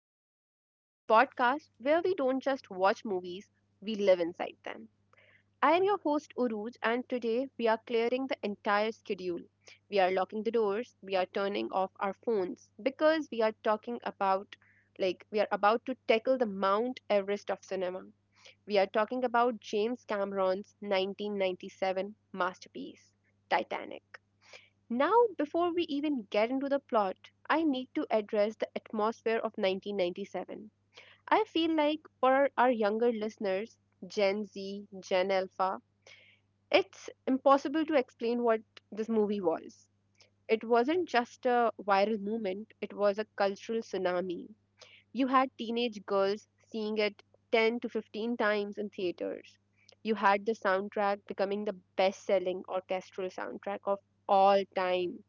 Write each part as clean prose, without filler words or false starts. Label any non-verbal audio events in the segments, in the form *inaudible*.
Cut, the podcast where we don't just watch movies, we live inside them. I am your host, Uruj, and today we are clearing the entire schedule. We are locking the doors, we are turning off our phones because we are talking about, like, we are about to tackle the Mount Everest of cinema. We are talking about James Cameron's 1997 masterpiece, Titanic. Now, before we even get into the plot, I need to address the atmosphere of 1997. I feel like for our younger listeners, Gen Z, Gen Alpha, it's impossible to explain what this movie was. It wasn't just a viral movement, it was a cultural tsunami. You had teenage girls seeing it 10 to 15 times in theaters. You had the soundtrack becoming the best selling orchestral soundtrack of all time.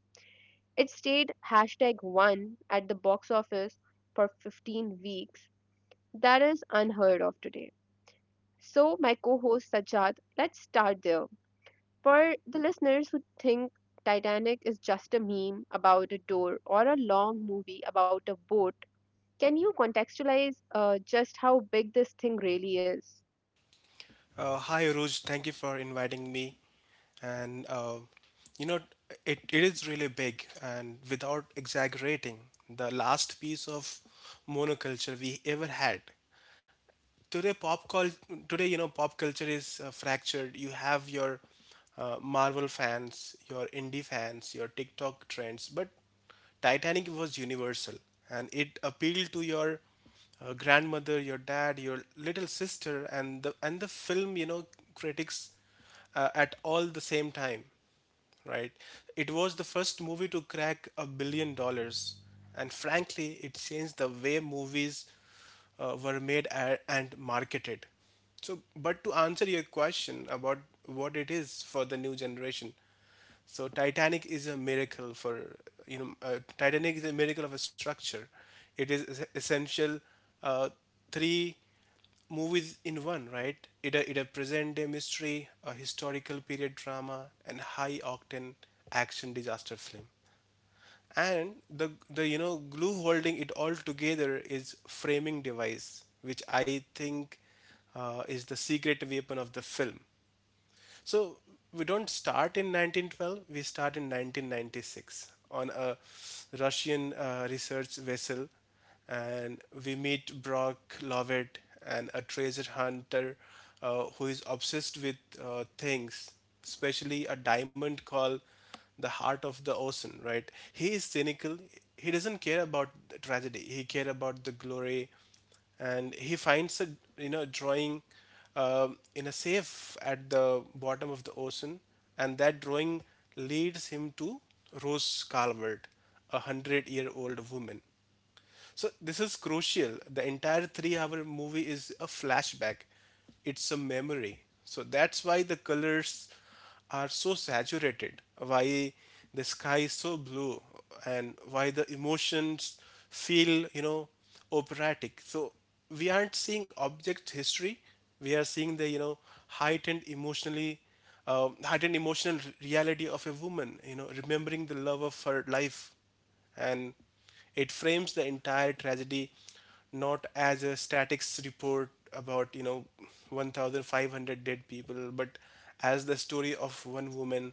It stayed #1 at the box office for 15 weeks. That is unheard of today. So, my co host Sajjad, let's start there. For the listeners who think Titanic is just a meme about a door or a long movie about a boat, can you contextualize just how big this thing really is? Hi, Aruj. Thank you for inviting me. And you know, it is really big. And without exaggerating, the last piece of monoculture we ever had today pop culture is fractured. You have your Marvel fans, your indie fans, your TikTok trends, but Titanic was universal, and it appealed to your grandmother, your dad, your little sister, and the film critics, at all the same time, right? It was the first movie to crack $1 billion, and frankly, it changed the way movies were made and marketed. So, but to answer your question about what it is for the new generation, so Titanic is a miracle for Titanic is a miracle of a structure. It is essential uh, three movies in one, right? It a, it a present day mystery, a historical period drama, and high octane action disaster film. And the glue holding it all together is framing device, which I think is the secret weapon of the film. So we don't start in 1912, we start in 1996 on a Russian research vessel. And we meet Brock Lovett and a treasure hunter who is obsessed with things, especially a diamond called the Heart of the Ocean, right? He is cynical. He doesn't care about the tragedy. He cares about the glory, and he finds a drawing in a safe at the bottom of the ocean, and that drawing leads him to Rose Calvert, a hundred-year-old woman. So this is crucial. The entire three-hour movie is a flashback. It's a memory. So that's why the colors are so saturated, why the sky is so blue, and why the emotions feel, you know, operatic. So we aren't seeing object history. We are seeing the, you know, heightened emotionally heightened emotional reality of a woman, you know, remembering the love of her life. And it frames the entire tragedy not as a statics report about 1,500 dead people, but as the story of one woman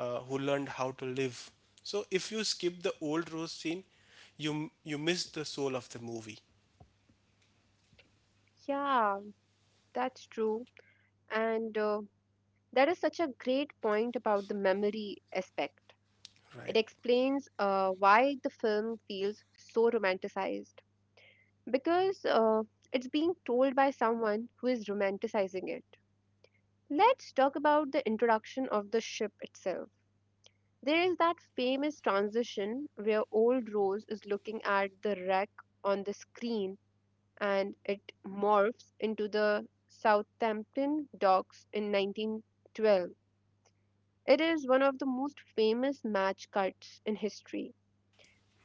who learned how to live. So if you skip the old Rose scene, you miss the soul of the movie, Yeah, that's true. And that is such a great point about the memory aspect. It right. explains why the film feels so romanticized. Because it's being told by someone who is romanticizing it. Let's talk about the introduction of the ship itself. There is that famous transition where old Rose is looking at the wreck on the screen and it morphs into the Southampton docks in 1912. It is one of the most famous match cuts in history.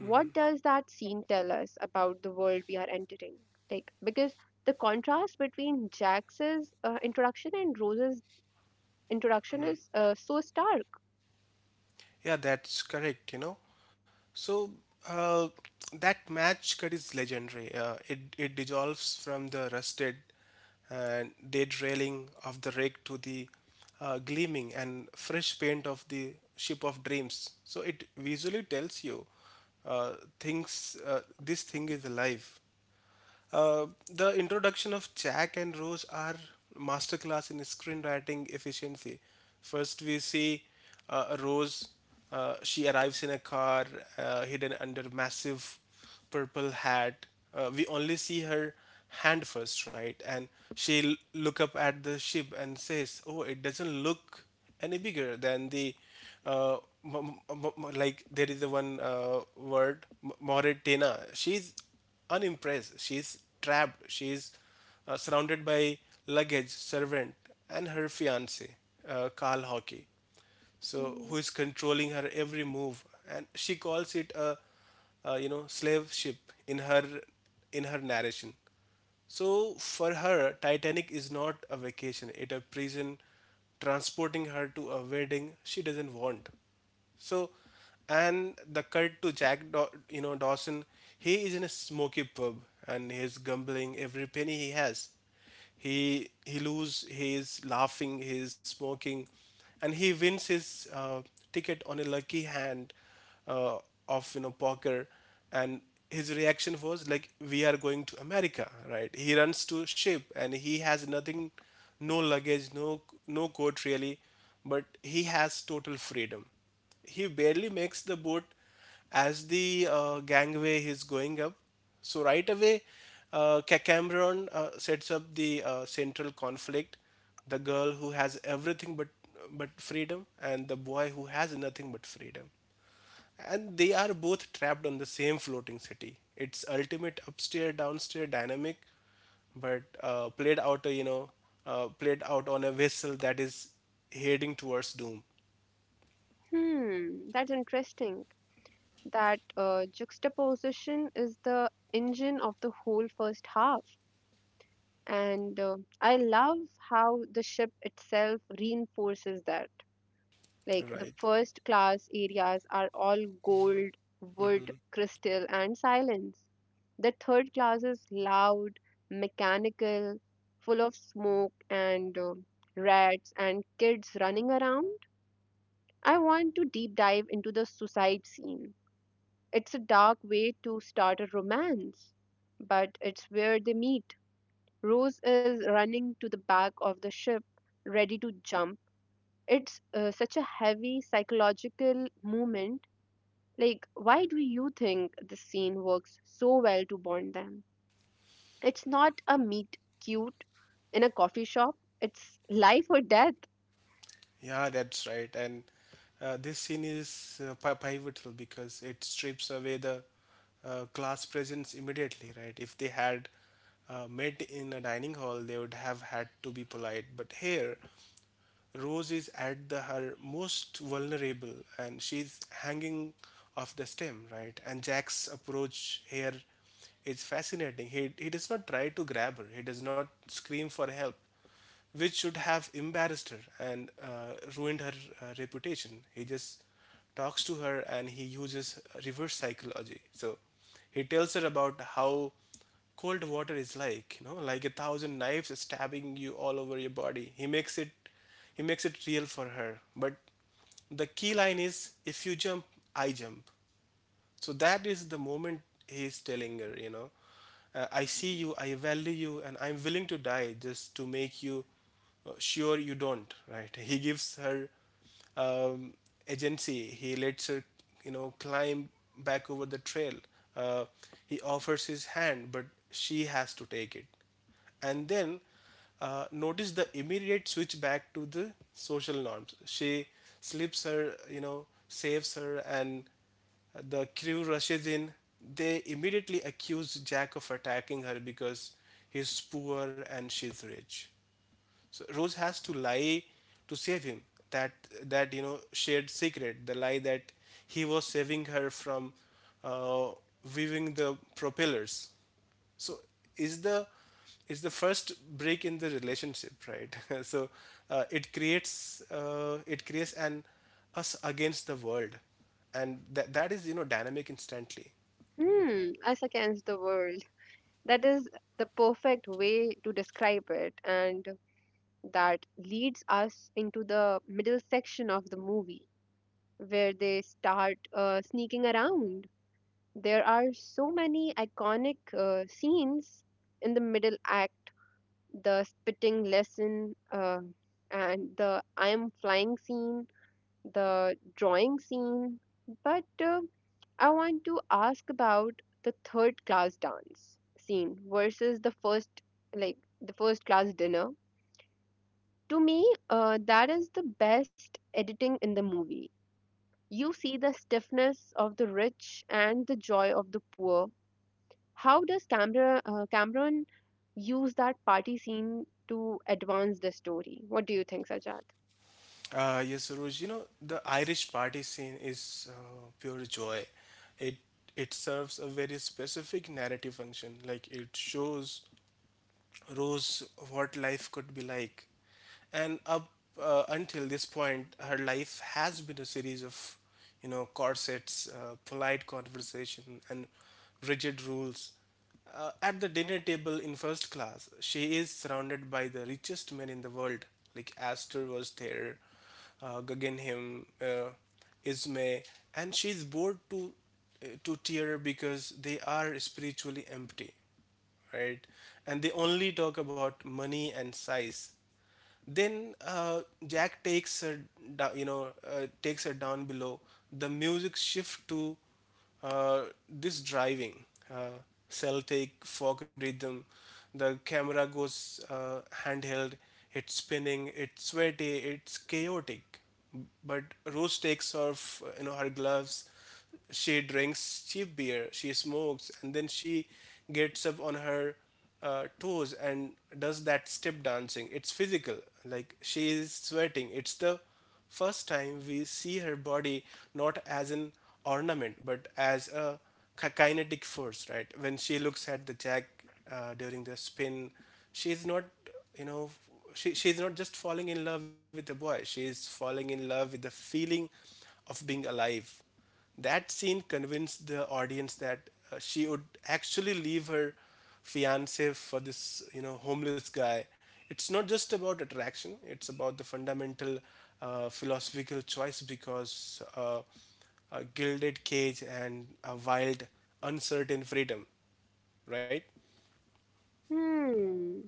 What does that scene tell us about the world we are entering? Like, because the contrast between Jax's introduction and Rose's introduction is so stark. Yeah, that's correct, you know. So uh, that match cut is legendary. It dissolves from the rusted and dead railing of the wreck to the gleaming and fresh paint of the ship of dreams. So it visually tells you uh, things, this thing is alive. Uh, the introduction of Jack and Rose are masterclass in screenwriting efficiency. First, we see Rose. She arrives in a car, hidden under massive purple hat. We only see her hand first, right? And she'll look up at the ship and says, "Oh, it doesn't look any bigger than the uh, m- m- m- like there is the one word Mauritania." She's unimpressed. She is trapped. She's surrounded by luggage, servant, and her fiance, Carl Hockey. So Mm. who is controlling her every move? And she calls it a, slave ship in her in her narration. So for her, Titanic is not a vacation, it a prison transporting her to a wedding she doesn't want. So, and the cut to Jack, Dawson, he is in a smoky pub and he's gambling every penny he has. He lose his laughing, he's smoking, and he wins his ticket on a lucky hand uh, of poker, and his reaction was like, "We are going to America, right?" He runs to ship, and he has nothing, no luggage, no coat really, but he has total freedom. He barely makes the boat as the gangway is going up. So right away, Cacameron sets up the central conflict: the girl who has everything but freedom, and the boy who has nothing but freedom. And they are both trapped on the same floating city. It's ultimate upstairs downstairs dynamic, but played out on a vessel that is heading towards doom. Hmm, that's interesting. That juxtaposition is the engine of the whole first half. And I love how the ship itself reinforces that. Like, the Right. first class areas are all gold, wood, Mm-hmm. crystal, and silence. The third class is loud, mechanical, full of smoke and rats and kids running around. I want to deep dive into the suicide scene. It's a dark way to start a romance, but it's where they meet. Rose is running to the back of the ship, ready to jump. It's such a heavy psychological moment. Like, why do you think this scene works so well to bond them? It's not a meet cute in a coffee shop, it's life or death. Yeah, that's right. And this scene is pivotal because it strips away the class presence immediately, right? If they had met in a dining hall, they would have had to be polite. But here, Rose is at the, her most vulnerable and she's hanging off the stem, right? And Jack's approach here is fascinating. He does not try to grab her, he does not scream for help, which should have embarrassed her and ruined her reputation. He just talks to her, and he uses reverse psychology. So he tells her about how cold water is like, you know, like a thousand knives stabbing you all over your body. He makes it real for her. But the key line is if you jump, I jump. So that is the moment he's telling her, you know, I see you, I value you, and I'm willing to die just to make you sure you don't, right? He gives her um, agency. He lets her, you know, climb back over the trail. Uh, he offers his hand, but she has to take it. And then notice the immediate switch back to the social norms. She slips her saves her, and the crew rushes in. They immediately accuse Jack of attacking her because he's poor and she's rich, so Rose has to lie to save him. That that shared secret, the lie that he was saving her from uh, weaving the propellers. So is the is the first break in the relationship, right? *laughs* So it creates an us against the world, and that is dynamic instantly. Hmm, us against the world. That is the perfect way to describe it, and that leads us into the middle section of the movie where they start sneaking around. There are so many iconic scenes in the middle act. The spitting lesson, and the I am flying scene, the drawing scene. But I want to ask about the third class dance scene versus the first, like the first class dinner. To me, that is the best editing in the movie. You see the stiffness of the rich and the joy of the poor. How does Cameron use that party scene to advance the story? What do you think, Sajad? Yes, Saroj, you know, the Irish party scene is pure joy. It it serves a very specific narrative function. Like it shows Rose what life could be like. And up until this point, her life has been a series of, you know, corsets, polite conversation, and rigid rules. At the dinner table in first class, she is surrounded by the richest men in the world. Like Astor was there, Guggenheim, Ismay, and she's bored to tear because they are spiritually empty, right? And they only talk about money and size. Then Jack takes her, takes her down below. The music shift to uh, this driving, uh, Celtic folk rhythm. The camera goes handheld. It's spinning. It's sweaty. It's chaotic. But Rose takes off, you know, her gloves. She drinks cheap beer, she smokes, and then she gets up on her toes and does that step dancing. It's physical, like she is sweating. It's the first time we see her body not as an ornament but as a kinetic force, right? When she looks at the jack during the spin, she's not, you know, she's not just falling in love with the boy, she's falling in love with the feeling of being alive. That scene convinced the audience that she would actually leave her fiance for this, you know, homeless guy. It's not just about attraction, it's about the fundamental philosophical choice because a gilded cage and a wild, uncertain freedom, right? Hmm,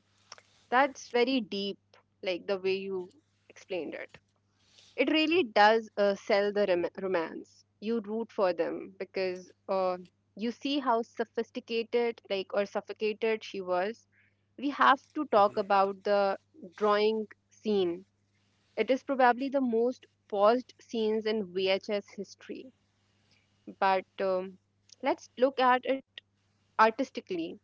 that's very deep, like the way you explained it. It really does sell the romance. You root for them because you see how sophisticated, like, or suffocated she was. We have to talk about the drawing scene. It is probably the most paused scenes in VHS history. But let's look at it artistically.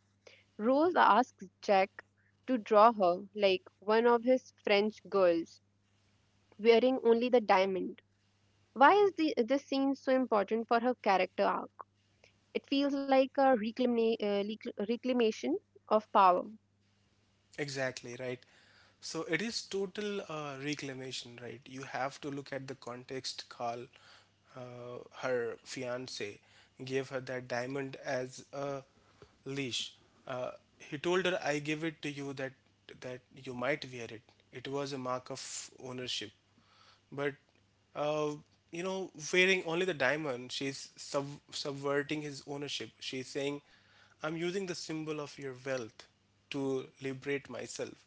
Rose asks Jack to draw her like one of his French girls, wearing only the diamond. Why is the, this scene so important for her character arc? It feels like a reclamation of power. Exactly, right. So it is total reclamation, right? You have to look at the context. Carl, her fiance, gave her that diamond as a leash. Uh, he told her, "I give it to you that that you might wear it. It was a mark of ownership." But uh, you know, wearing only the diamond, she's subverting his ownership. She's saying, "I'm using the symbol of your wealth to liberate myself."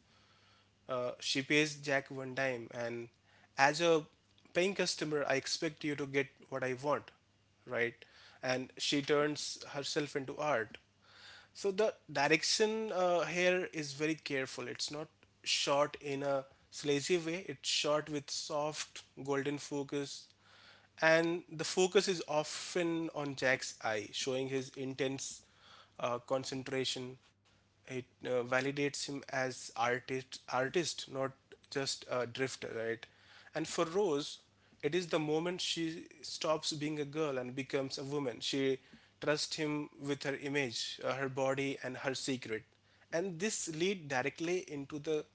She pays Jack one dime, and as a paying customer, I expect you to get what I want, right? And she turns herself into art. So the direction here is very careful. It's not shot in a sleazy way. It's shot with soft golden focus, and the focus is often on Jack's eye, showing his intense concentration. It validates him as artist, not just a drifter, right? And for Rose, it is the moment she stops being a girl and becomes a woman. She trusts him with her image, her body, and her secret. And this lead directly into the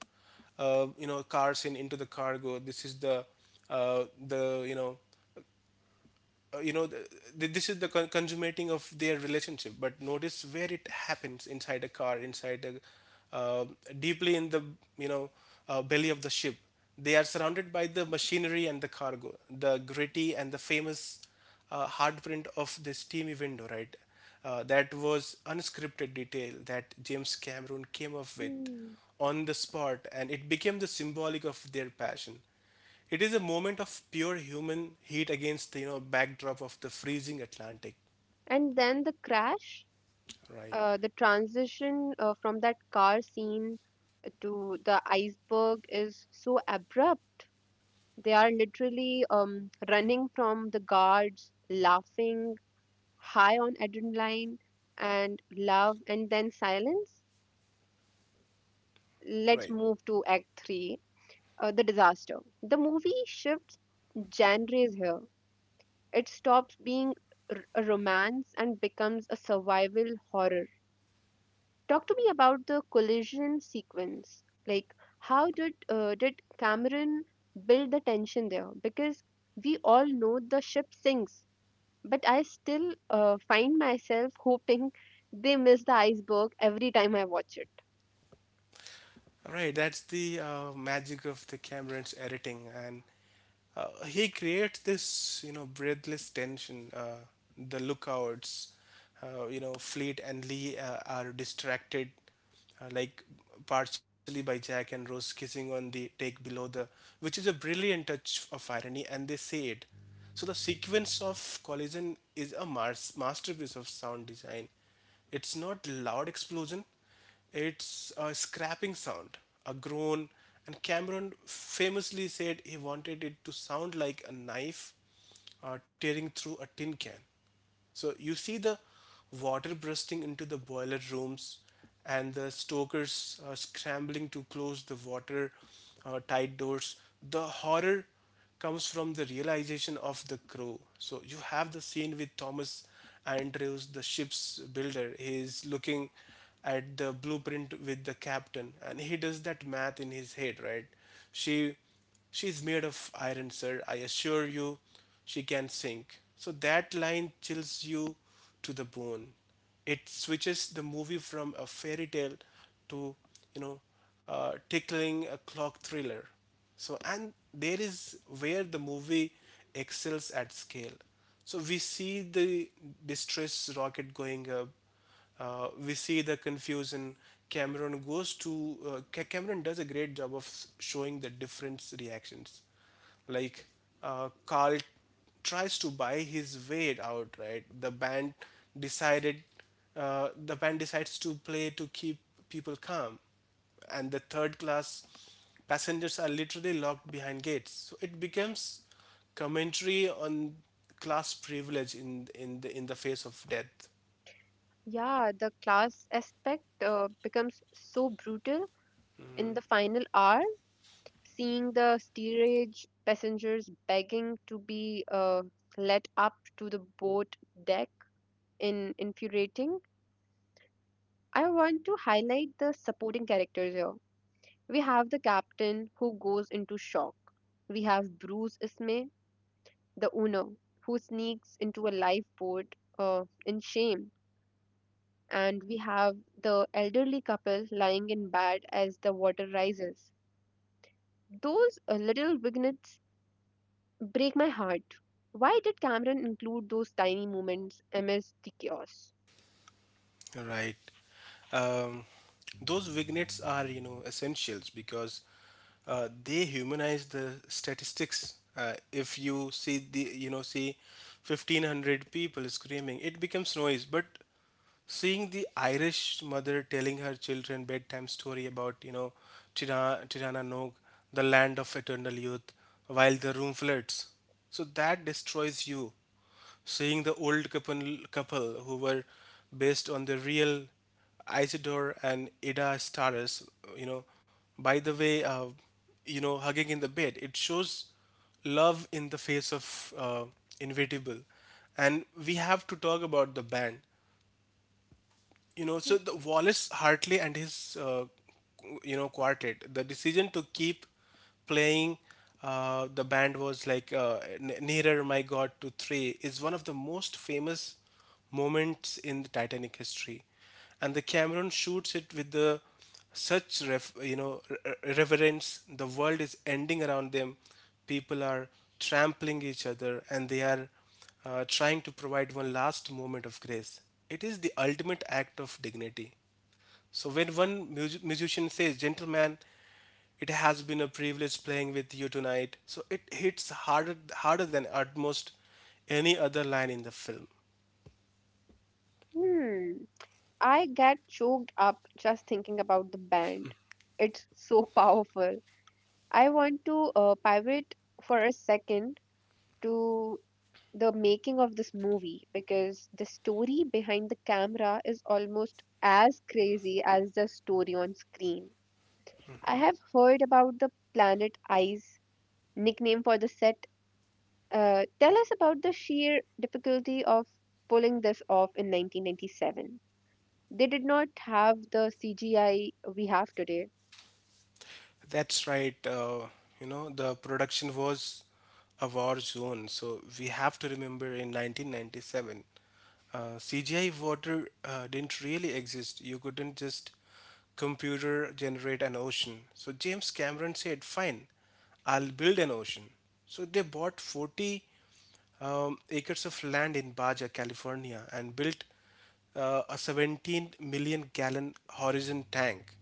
car scene into the cargo. This is the you know th- th- this is the consummating of their relationship, but notice where it happens: inside a car, inside a uh, deeply in the you know belly of the ship. They are surrounded by the machinery and the cargo, the gritty and the famous hardprint of the steamy window, right? That was unscripted detail that James Cameron came up with Hmm. on the spot, and it became the symbolic of their passion. It is a moment of pure human heat against the backdrop of the freezing Atlantic, And then the crash, right? The transition from that car scene to the iceberg is so abrupt. They are literally running from the guards, laughing, high on adrenaline and love, and then silence. Let's Right. move to Act 3, the Disaster. The movie shifts genres here. It stops being a romance and becomes a survival horror. Talk to me about the collision sequence. Like, how did Cameron build the tension there? Because we all know the ship sinks. But I still find myself hoping they miss the iceberg every time I watch it. Right, that's the magic of the Cameron's editing, and he creates this, you know, breathless tension. The lookouts, you know, Fleet and Lee are distracted, uh, like partially by Jack and Rose kissing on the take below the, which is a brilliant touch of irony, and they say it. So the sequence of collision is a masterpiece of sound design. It's not loud explosion. It's a scrapping sound, a groan, and Cameron famously said he wanted it to sound like a knife tearing through a tin can. So you see the water bursting into the boiler rooms, and the stokers scrambling to close the water tight doors. The horror comes from the realization of the crow. So you have the scene with Thomas Andrews, the ship's builder. He is looking at the blueprint with the captain, and he does that math in his head, right? She, she's made of iron, sir. I assure you, she can sink. So that line chills you to the bone. It switches the movie from a fairy tale to, you know, tickling a clock thriller. So, and there is where the movie excels at scale. So, we see the distress rocket going up, we see the confusion. Cameron goes to Ca- Cameron does a great job of showing the different reactions. Like Carl tries to buy his way out, right? Decided, the band decides to play to keep people calm, and the third class passengers are literally locked behind gates. So it becomes commentary on class privilege in the face of death. Yeah, the class aspect becomes so brutal in the final hour, seeing the steerage passengers begging to be let up to the boat deck in infuriating. I want to highlight the supporting characters here. We have the captain who goes into shock. We have Bruce Ismay, the owner, who sneaks into a lifeboat in shame. And we have the elderly couple lying in bed as the water rises. Those little vignettes break my heart. Why did Cameron include those tiny moments amidst the chaos? Right. um, those vignettes are, you know, essentials because they humanize the statistics. If you see the, you know see 1,500 people screaming, it becomes noise, but seeing the Irish mother telling her children bedtime story about, you know, Tirana Nog, the land of eternal youth, while the room floods. So that destroys you. Seeing the old couple who were based on the real Isidore and Ida Stars, you know, by the way, hugging in the bed, it shows love in the face of inevitable. And we have to talk about the band. You know, so the Wallace Hartley and his quartet. The decision to keep playing, the band was like "Nearer My God" to three is one of the most famous moments in the Titanic history, and the Cameron shoots it with the such ref, you know re- reverence. The world is ending around them, people are trampling each other, and they are trying to provide one last moment of grace. It is the ultimate act of dignity. So when one musician says, "Gentleman, it has been a privilege playing with you tonight," so it hits harder than almost any other line in the film. Hmm, I get choked up just thinking about the band. It's so *laughs* powerful. I want to pivot for a second to the making of this movie because the story behind the camera is almost as crazy as the story on screen. I have heard about the Planet Eyes nickname for the set. Tell us about the sheer difficulty of pulling this off in 1997. They did not have the CGI we have today. That's right. The production was a war zone. So we have to remember, in 1997, CGI water didn't really exist. You couldn't just computer generate an ocean. So James Cameron said, fine, I'll build an ocean. So they bought 40 acres of land in Baja, California, and built a 17 million gallon horizon tank.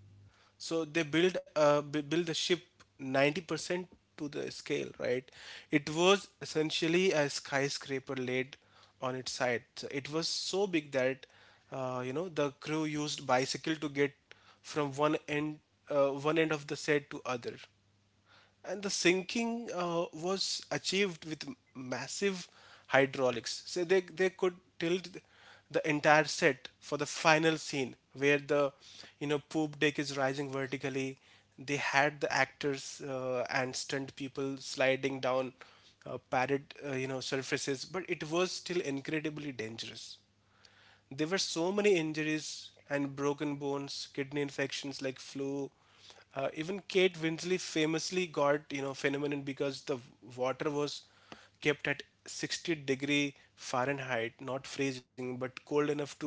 So they build the ship 90% to the scale, right? It was essentially a skyscraper laid on its side. So it was so big that the crew used bicycle to get from one end of the set to other. And the sinking was achieved with massive hydraulics. So they could tilt the entire set for the final scene where the poop deck is rising vertically. They had the actors and stunt people sliding down padded you know surfaces, but it was still incredibly dangerous. There were so many injuries and broken bones, kidney infections like flu. Even Kate Winslet famously got, you know, phenomenon because the water was kept at 60-degree Fahrenheit, not freezing, but cold enough to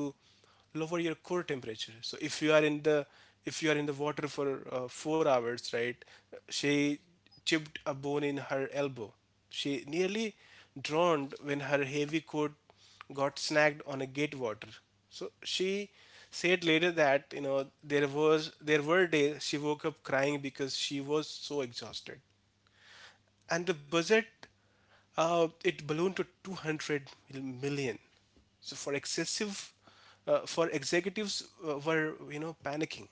lower your core temperature. So if you are in the if you are in the water for 4 hours, right? She chipped a bone in her elbow. She nearly drowned when her heavy coat got snagged on a gate water. So she said later that, you know, there were days she woke up crying because she was so exhausted. And the budget, it ballooned to 200 million. So for executives were, you know, panicking.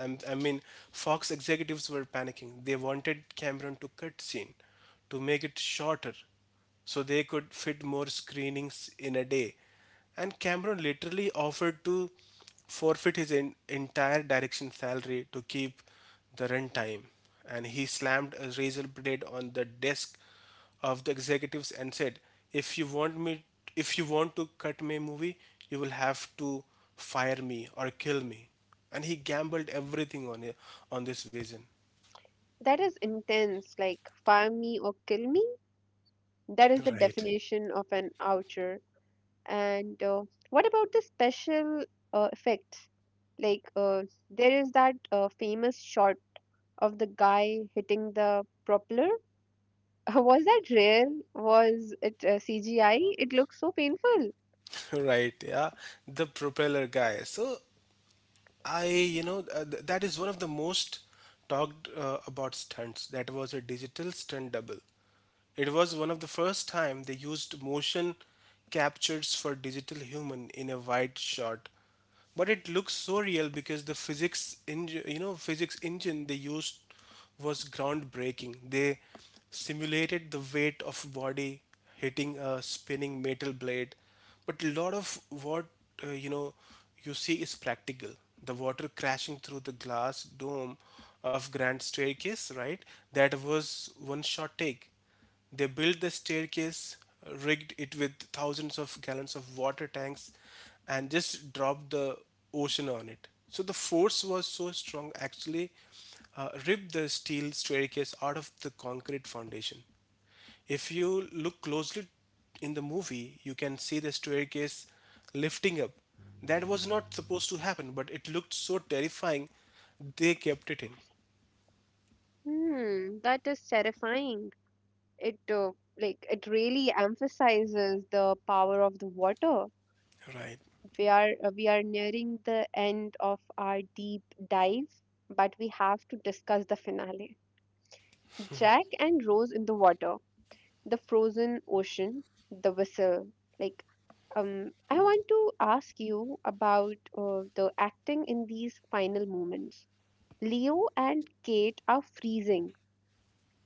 I mean, Fox executives were panicking. They wanted Cameron to cut scene to make it shorter so they could fit more screenings in a day. And Cameron literally offered to forfeit his entire direction salary to keep the runtime. And he slammed a razor blade on the desk of the executives and said, "If you want me, "If you want to cut my movie, you will have to fire me or kill me." And he gambled everything on it, on this vision. That is intense, like fire me or kill me. That is *laughs* the Right. definition of an oucher. And what about the special effects? Like, there is that famous shot of the guy hitting the propeller. *laughs* Was that real? Was it CGI? It looks so painful. Right, yeah, the propeller guy. So I, you know, th- that is one of the most talked about stunts. That was a digital stunt double. It was one of the first time they used motion captures for digital human in a wide shot. But it looks so real because the physics engine they used was groundbreaking. They simulated the weight of body hitting a spinning metal blade. But a lot of what uh, you know you see is practical. The water crashing through the glass dome of Grand Staircase, right? That was one shot take. They built the staircase, rigged it with thousands of gallons of water tanks, and just dropped the ocean on it. So the force was so strong, actually, ripped the steel staircase out of the concrete foundation. If you look closely in the movie, you can see the staircase lifting up. That was not supposed to happen, but it looked so terrifying, they kept it in. Hmm, that is terrifying. It like it really emphasizes the power of the water. Right, We are nearing the end of our deep dive, but we have to discuss the finale. Jack and Rose in the water, the frozen ocean, the whistle. Like, I want to ask you about the acting in these final moments. Leo and Kate are freezing.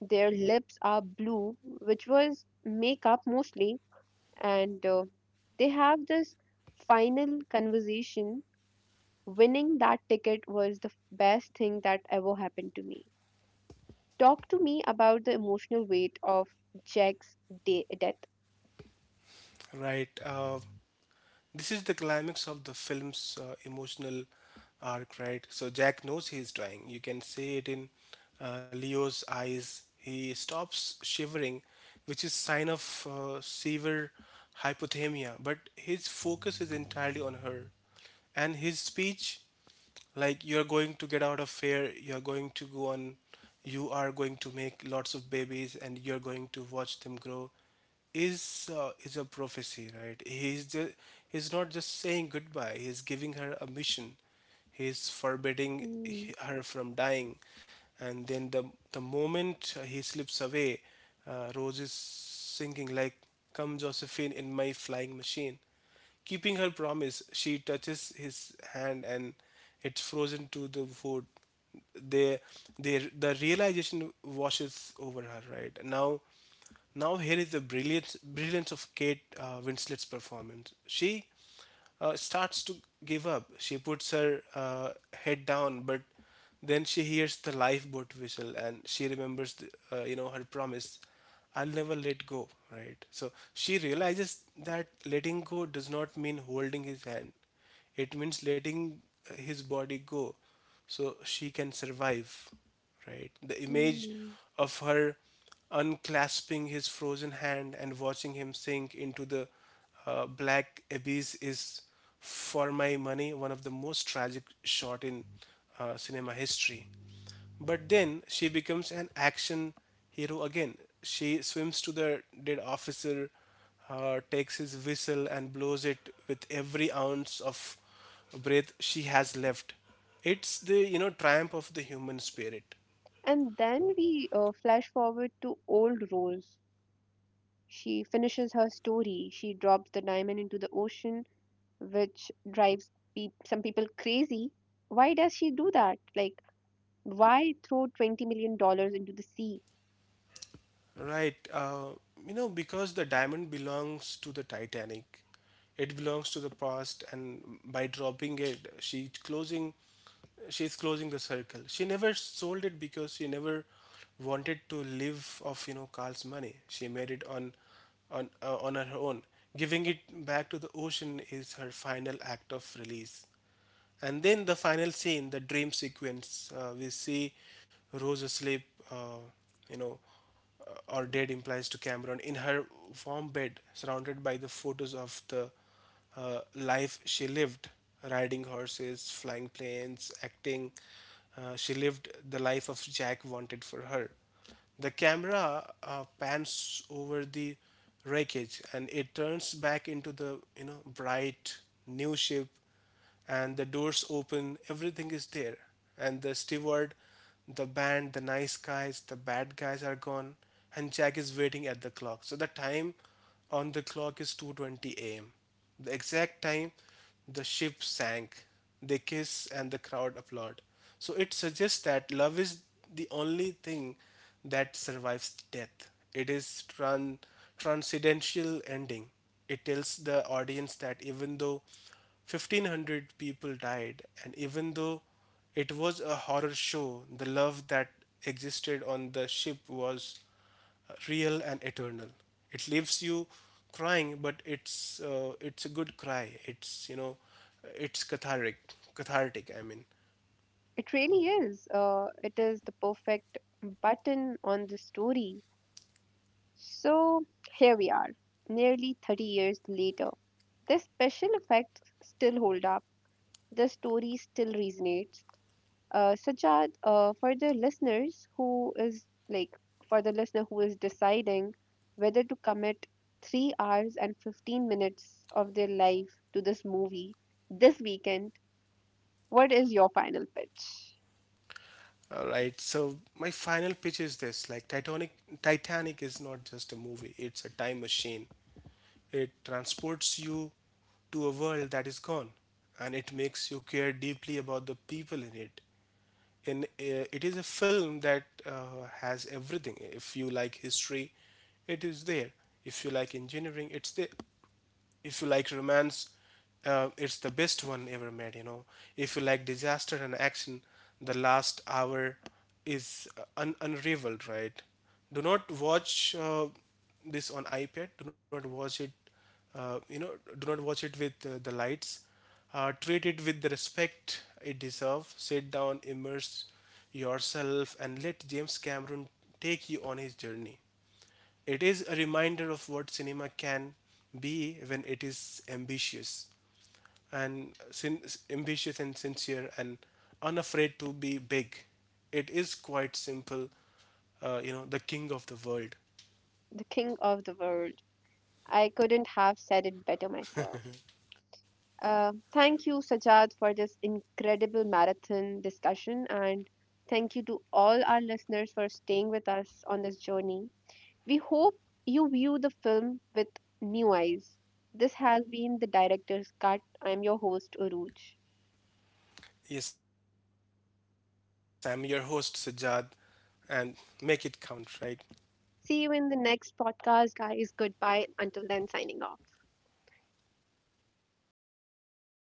Their lips are blue, which was makeup mostly, and they have this final conversation. Winning that ticket was the best thing that ever happened to me. Talk to me about the emotional weight of Jack's death. right. This is the climax of the film's emotional arc, right? So Jack knows he is dying. You can see it in Leo's eyes. He stops shivering, which is sign of severe hypothermia. But his focus is entirely on her, and his speech, like, "You're going to get out of fear, you're going to go on, you are going to make lots of babies and you're going to watch them grow," is is a prophecy, right? He's not just saying goodbye, he's giving her a mission, he's forbidding Mm, her from dying. And then the moment he slips away, Rose is singing, like, "Come Josephine in my flying machine." Keeping her promise, she touches his hand, and it's frozen to the wood. They, the realization washes over her. Now here is the brilliance of Kate Winslet's performance. She starts to give up. She puts her head down, but then she hears the lifeboat whistle and she remembers, her promise, "I'll never let go," right? So she realizes that letting go does not mean holding his hand. It means letting his body go so she can survive, right? The image mm. of her unclasping his frozen hand and watching him sink into the black abyss is, for my money, one of the most tragic shot in cinema history. But then she becomes an action hero again. She swims to the dead officer, takes his whistle, and blows it with every ounce of breath she has left. It's the, triumph of the human spirit. And then we flash forward to old Rose. She finishes her story. She drops the diamond into the ocean which drives some people crazy. Why does she do that? Like, why throw $20 million dollars into the sea? Right. Because the diamond belongs to the Titanic, it belongs to the past, and by dropping it, she's closing the circle. She never sold it because she never wanted to live off, you know, Carl's money. She made it on her own. Giving it back to the ocean is her final act of release. And then the final scene, the dream sequence, we see Rose asleep, uh, you know, or dead implies to Cameron, in her warm bed, surrounded by the photos of the life she lived: riding horses, flying planes, acting. She lived the life of Jack wanted for her. The camera pans over the wreckage, and it turns back into the, bright new ship, and the doors open, everything is there, and the steward, the band, the nice guys, the bad guys are gone, and Jack is waiting at the clock. So the time on the clock is 2:20 a.m., the exact time the ship sank. They kiss and the crowd applaud. So it suggests that love is the only thing that survives death. It is tran- transcendental ending. It tells the audience that even though 1,500 people died, and even though it was a horror show, the love that existed on the ship was real and eternal. It leaves you crying, but it's a good cry. It's, you know, it's cathartic, I mean. It really is. It is the perfect button on the story. So, here we are, nearly 30 years later. The special effects still hold up, the story still resonates. Sajjad, for the listener who is deciding whether to commit 3 hours and 15 minutes of their life to this movie this weekend, what is your final pitch? All right, so my final pitch is this, like, Titanic is not just a movie, it's a time machine. It transports you to a world that is gone, and it makes you care deeply about the people in it. In It is a film that has everything. If you like history, it is there. If you like engineering, it's there. If you like romance, it's the best one ever made, you know. If you like disaster and action, the last hour is unrivaled, right? Do not watch this on iPad. Do not watch it, uh, you know do not watch it with the lights. Treat it with the respect it deserves. Sit down, immerse yourself, and let James Cameron take you on his journey. It is a reminder of what cinema can be when it is and sin- ambitious and sincere and unafraid to be big. It is quite simple, the King of the World. The King of the World. I couldn't have said it better myself. Thank you, Sajjad, for this incredible marathon discussion, and thank you to all our listeners for staying with us on this journey. We hope you view the film with new eyes. This has been the director's cut. I'm your host, Uruj. Yes, I'm your host Sajjad, and make it count, right? See you in the next podcast, guys. Goodbye. Until then, signing off.